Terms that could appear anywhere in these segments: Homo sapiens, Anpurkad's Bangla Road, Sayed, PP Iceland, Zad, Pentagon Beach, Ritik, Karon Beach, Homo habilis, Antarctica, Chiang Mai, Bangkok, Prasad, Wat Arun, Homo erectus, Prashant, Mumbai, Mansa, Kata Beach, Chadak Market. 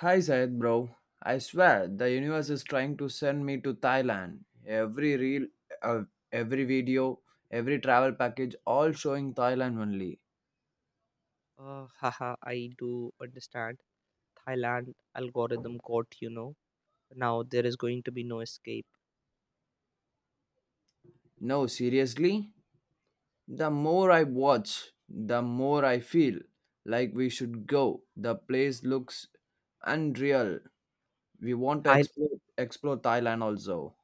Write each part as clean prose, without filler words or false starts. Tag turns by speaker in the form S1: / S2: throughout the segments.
S1: Hi Sayed bro, I swear the universe is trying to send me to Thailand. Every reel, uh, every video, every travel package, all showing Thailand only.
S2: Haha, I do understand. Thailand algorithm caught. Now there is going to be no escape.
S1: No, seriously, the more I watch, the more I feel like we should go. The place looks unreal. We want to
S2: Thai-
S1: explore Thailand also.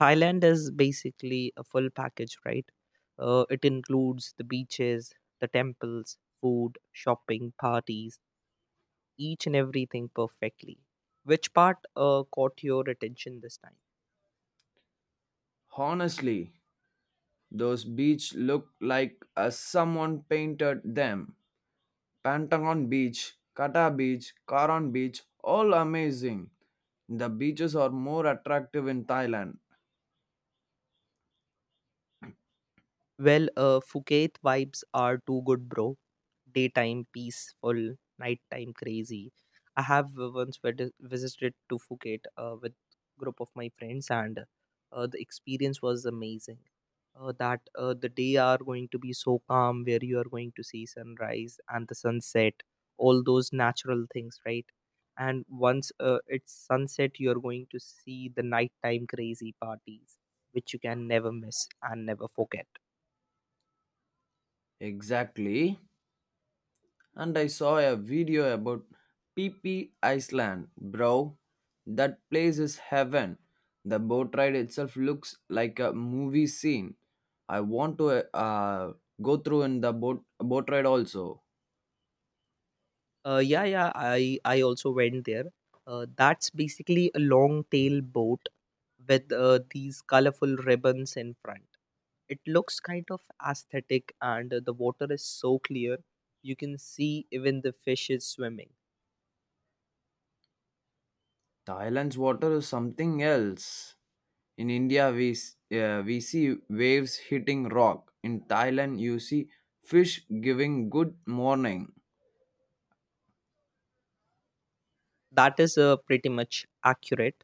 S2: Thailand is basically a full package, right? It includes the beaches, the temples, food, shopping, parties, each and everything perfectly. Which part caught your attention this time?
S1: Honestly, those beach look like someone painted them. Pentagon Beach, Kata Beach, Karon Beach, all amazing. The beaches are more attractive in Thailand.
S2: Well, Phuket vibes are too good, bro. Daytime peaceful, nighttime crazy. I have once visited to Phuket with group of my friends, and the experience was amazing. That the day are going to be so calm, where you are going to see sunrise and the sunset, all those natural things, right? And once it's sunset, you are going to see the nighttime crazy parties, which you can never miss and never forget.
S1: Exactly. And I saw a video about PP Iceland, bro. That place is heaven. The boat ride itself looks like a movie scene. I want to uh, go through in the boat ride also.
S2: Yeah, yeah. I also went there. That's basically a long tail boat with these colorful ribbons in front. It looks kind of aesthetic, and the water is so clear you can see even the fishes swimming.
S1: Thailand's water is something else. In India, we see waves hitting rock. In Thailand, you see fish giving good morning.
S2: That is pretty much accurate.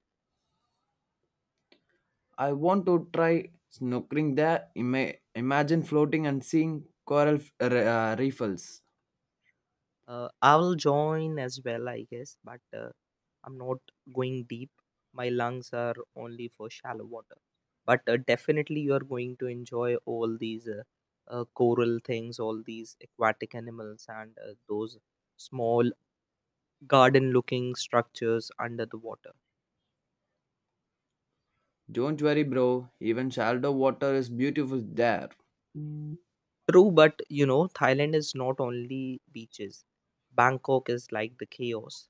S1: I want to try snorkeling there. Imagine floating and seeing reefs.
S2: I will join as well, I guess, but I'm not going deep. My lungs are only for shallow water. But definitely you are going to enjoy all these coral things, all these aquatic animals, and those small garden looking structures under the water.
S1: Don't worry, bro. Even shallow water is beautiful there.
S2: True, but you know, Thailand is not only beaches. Bangkok is like the chaos,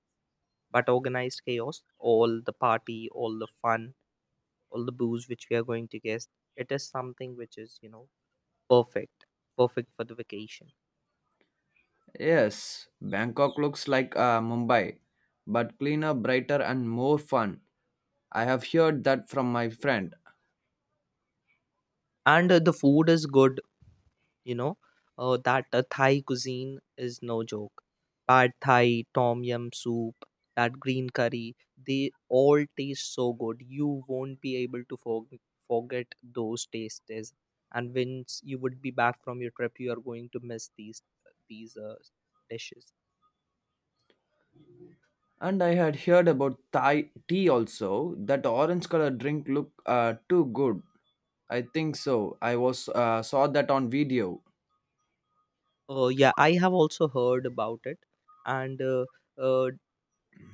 S2: but organized chaos. All the party, all the fun, all the booze which we are going to get, it is something which is, you know, perfect perfect for the vacation.
S1: Yes, Bangkok looks like Mumbai, but cleaner, brighter, and more fun. I have heard that from my friend.
S2: And the food is good, you know. Uh, that uh, thai cuisine is no joke. Pad thai, tom yum soup, that green curry, they all taste so good. You won't be able to forget those tastes. And once you would be back from your trip, you are going to miss these dishes.
S1: And I had heard about Thai tea also. That orange color drink look too good. I think so. I was saw that on video.
S2: Yeah, I have also heard about it. And uh,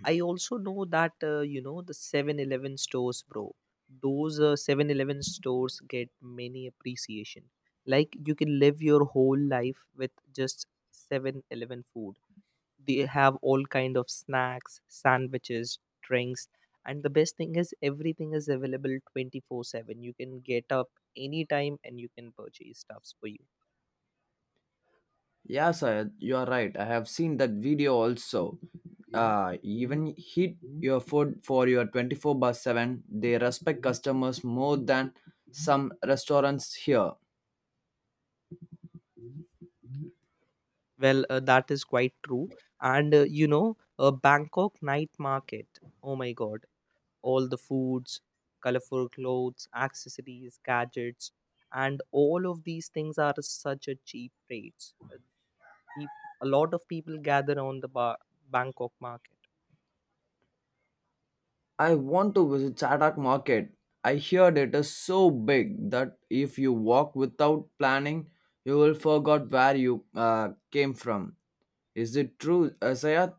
S2: I also know that, you know, the 7-Eleven stores, bro. Those 7-Eleven stores get many appreciation. Like you can live your whole life with just 7-Eleven food. They have all kind of snacks, sandwiches, drinks, and the best thing is everything is available 24/7. You can get up anytime and you can purchase stuffs for you.
S1: Yeah, sir, you are right. I have seen that video also. Even heat your food for your 24 by 7. They respect customers more than some restaurants here.
S2: Well, that is quite true. And you know, a Bangkok night market. Oh my God, all the foods, colorful clothes, accessories, gadgets, and all of these things are such a cheap rates. Peop- A lot of people gather on the Bangkok market.
S1: I want to visit Chadak Market. I heard it is so big that if you walk without planning, you will forget where you came from. Is it true, Sayat?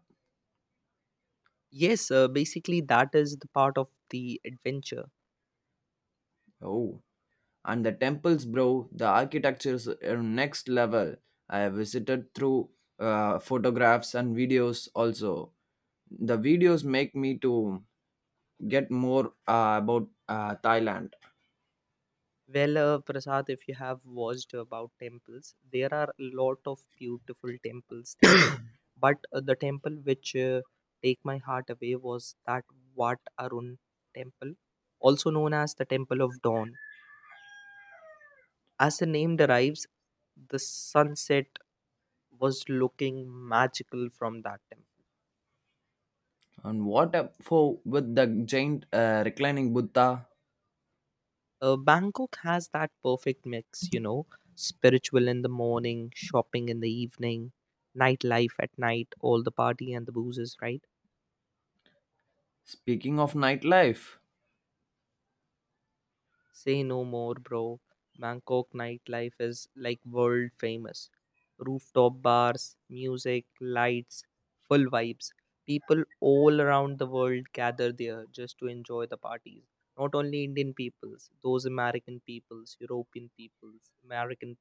S2: Yes, basically that is the part of the adventure.
S1: Oh, and the temples, bro. The architecture is next level. I visited through photographs and videos also. The videos make me to get more about Thailand.
S2: Well, Prasad, if you have watched about temples, there are a lot of beautiful temples there. But the temple which take my heart away was that Wat Arun temple, also known as the Temple of Dawn. As the name derives, the sunset was looking magical from that temple.
S1: And what up for with the giant reclining Buddha?
S2: Bangkok has that perfect mix, you know, spiritual in the morning, shopping in the evening, nightlife at night, all the party and the boozes, right?
S1: Speaking of nightlife,
S2: Say no more, bro. Bangkok nightlife is like world famous. Rooftop bars, music, lights, full vibes. People all around the world gather there just to enjoy the parties. Not only Indian peoples, those American peoples, European peoples, American,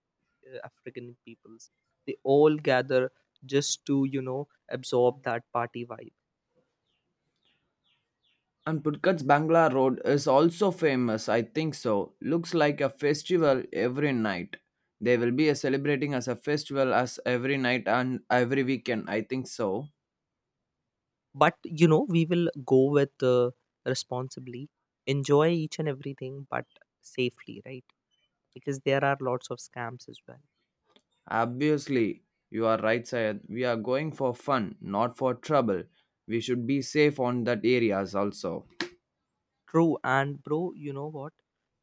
S2: African peoples, they all gather just to, you know, absorb that party vibe.
S1: and Anpurkad's Bangla Road is also famous, I think so. Looks like a festival every night. They will be a celebrating as a festival as every night and every weekend, I think so.
S2: But you know, we will go with, responsibly enjoy each and everything but safely, right? Because there are lots of scams as well.
S1: Obviously, you are right, Sayed. We are going for fun, not for trouble. We should be safe on that areas also.
S2: True. And bro, you know what,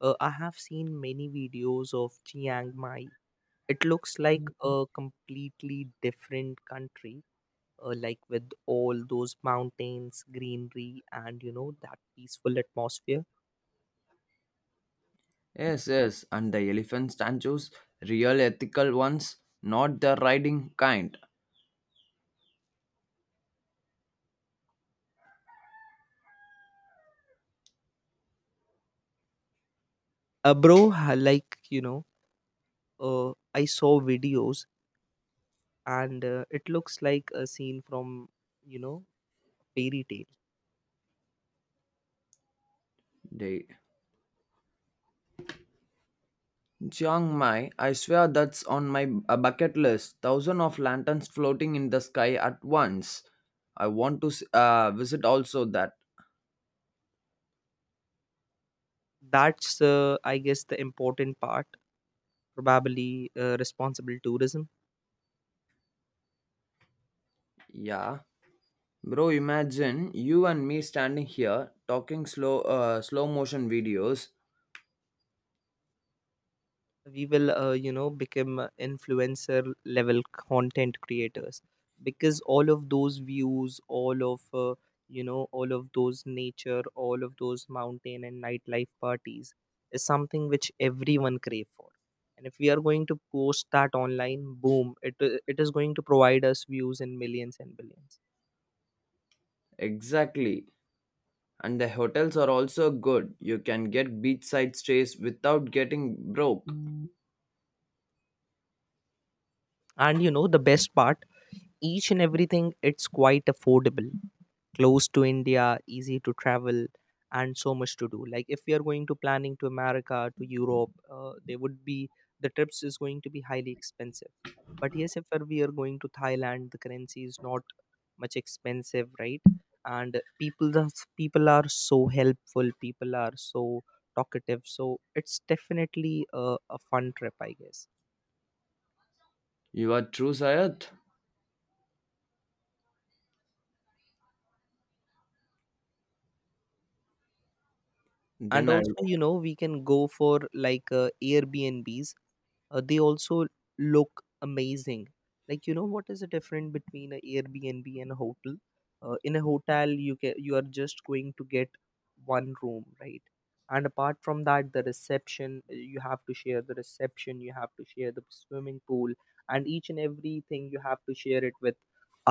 S2: I have seen many videos of Chiang Mai. It looks like a completely different country, like with all those mountains, greenery, and you know, that peaceful atmosphere.
S1: Yes, yes, and the elephant statues, real ethical ones, not the riding kind.
S2: Bro, like you know, I saw videos. And it looks like a scene from, you know, fairy tale.
S1: They Chiang Mai, I swear that's on my a bucket list. Thousands of lanterns floating in the sky at once. I want to visit also that.
S2: That's I guess the important part, probably responsible tourism.
S1: Yeah. Bro, imagine you and me standing here talking slow motion videos.
S2: We will, you know, become influencer level content creators, because all of those views, all of you know, all of those nature, all of those mountain and nightlife parties is something which everyone crave for. And if we are going to post that online, boom, it is going to provide us views in millions and billions.
S1: Exactly. And the hotels are also good. You can get beachside stays without getting broke.
S2: And you know, the best part, each and everything, it's quite affordable. Close to India, easy to travel, and so much to do. Like if we are going to planning to America, to Europe, they would be, the trips is going to be highly expensive. But yes, if we are going to Thailand, the currency is not much expensive, right? And people, the people are so helpful. People are so talkative. So it's definitely a fun trip, I guess.
S1: You are true Sayat.
S2: And
S1: Then I
S2: also, you know, we can go for like Airbnbs. They also look amazing. Like you know what is the difference between an Airbnb and a hotel. In a hotel, you are just going to get one room, right? And apart from that, the reception, you have to share the reception, you have to share the swimming pool, and each and everything you have to share it with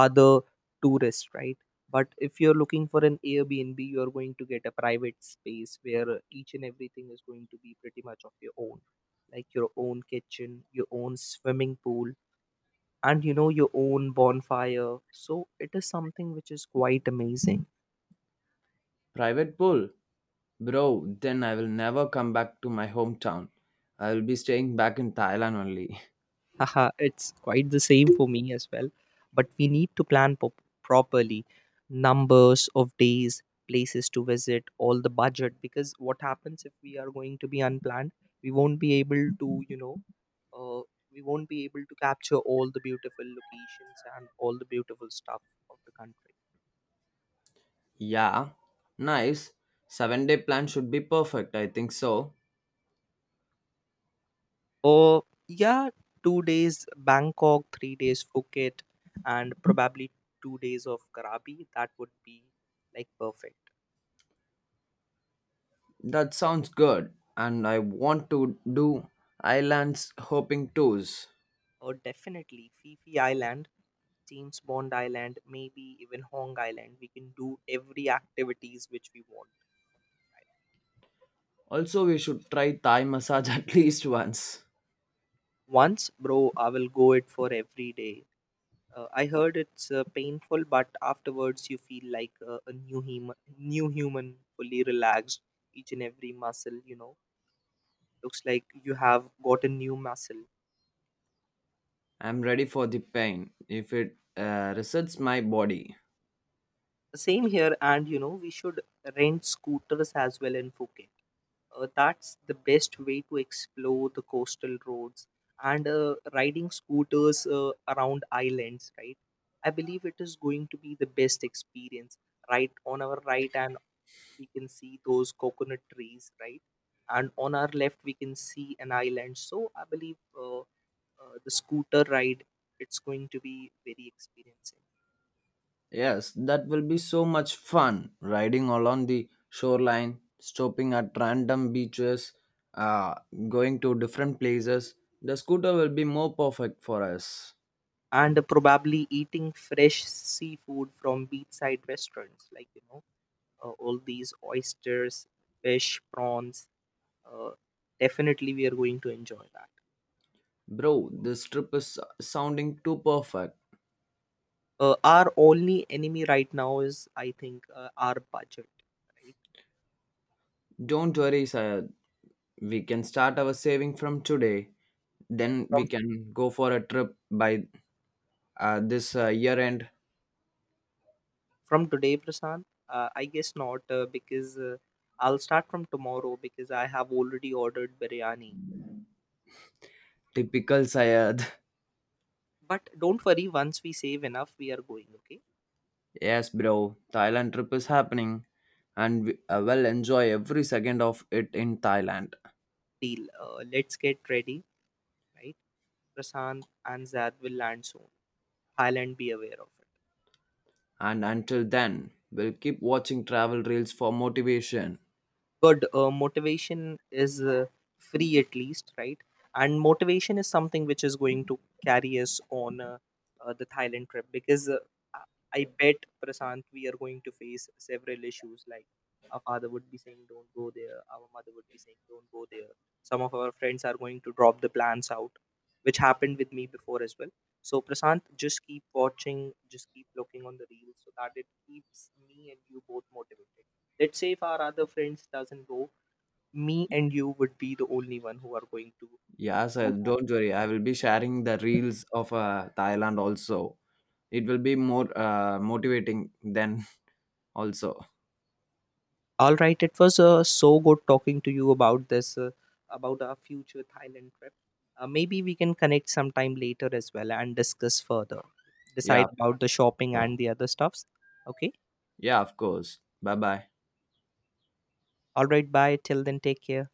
S2: other tourists, right? But if you're looking for an Airbnb, you're going to get a private space where each and everything is going to be pretty much of your own, like your own kitchen, your own swimming pool, and you know, your own bonfire. So it is something which is quite amazing.
S1: Private pool. Bro, then I will never come back to my hometown. I will be staying back in Thailand only.
S2: Haha, it's quite the same for me as well. But we need to plan properly, numbers of days, places to visit, all the budget. Because what happens if we are going to be unplanned? We won't be able to, you know, uh, we won't be able to capture all the beautiful locations and all the beautiful stuff of the country.
S1: Yeah, nice. 7 day plan should be perfect, I think so.
S2: Oh, yeah, 2 days Bangkok, 3 days Phuket, and probably 2 days of Karabi. That would be like perfect.
S1: That sounds good. And I want to do islands hopping tours.
S2: Or definitely Fifi Island, James Bond Island, maybe even Hong Island. We can do every activities which we want, right?
S1: Also, we should try Thai massage at least once.
S2: Once, bro, I will go it for every day. I heard it's painful, but afterwards you feel like a new human, fully relaxed. Each and every muscle, you know, looks like you have got a new muscle.
S1: I'm ready for the pain if it resets my body.
S2: Same here, and you know, we should rent scooters as well in Phuket. That's the best way to explore the coastal roads and riding scooters around islands, right? I believe it is going to be the best experience. Right on our right, and we can see those coconut trees, right? And on our left, we can see an island. So I believe the scooter ride, it's going to be very experiencing.
S1: Yes, that will be so much fun riding along the shoreline, stopping at random beaches, uh, going to different places. The scooter will be more perfect for us.
S2: And probably eating fresh seafood from beachside restaurants, like you know, all these oysters, fish, prawns, uh, definitely we are going to enjoy that.
S1: Bro, this trip is sounding too perfect.
S2: Our only enemy right now is, I think, our budget, right?
S1: Don't worry, Sayed. We can start our saving from today. Then
S2: from
S1: we can go for a trip by this year end.
S2: from today, Prasant, I guess not, because I'll start from tomorrow because I have already ordered biryani.
S1: Typical Sayed.
S2: But don't worry, once we save enough, we are going, okay?
S1: Yes, bro. Thailand trip is happening. And we will enjoy every second of it in Thailand.
S2: Deal. Let's get ready, right? Prashant and Zad will land soon. Thailand, be aware of it.
S1: And until then, we'll keep watching travel reels for motivation.
S2: Good. Motivation is, free at least, right? And motivation is something which is going to carry us on the Thailand trip. Because I bet, Prasant, we are going to face several issues like our father would be saying don't go there, our mother would be saying don't go there, some of our friends are going to drop the plans out, which happened with me before as well. So Prasant, just keep watching, just keep looking on the reels so that it keeps me and you both motivated. Let's say if our other friends doesn't go, me and you would be the only one who are going to
S1: Yeah,
S2: do
S1: sir,
S2: that.
S1: don't worry. I will be sharing the reels of Thailand also. It will be more motivating then also.
S2: All right, it was so good talking to you about about our future Thailand trip. Maybe we can connect sometime later as well and discuss further,
S1: Yeah,
S2: decide about the shopping and the other stuffs. Okay.
S1: yeah, of course. Bye bye.
S2: All right. Bye. Till then, take care.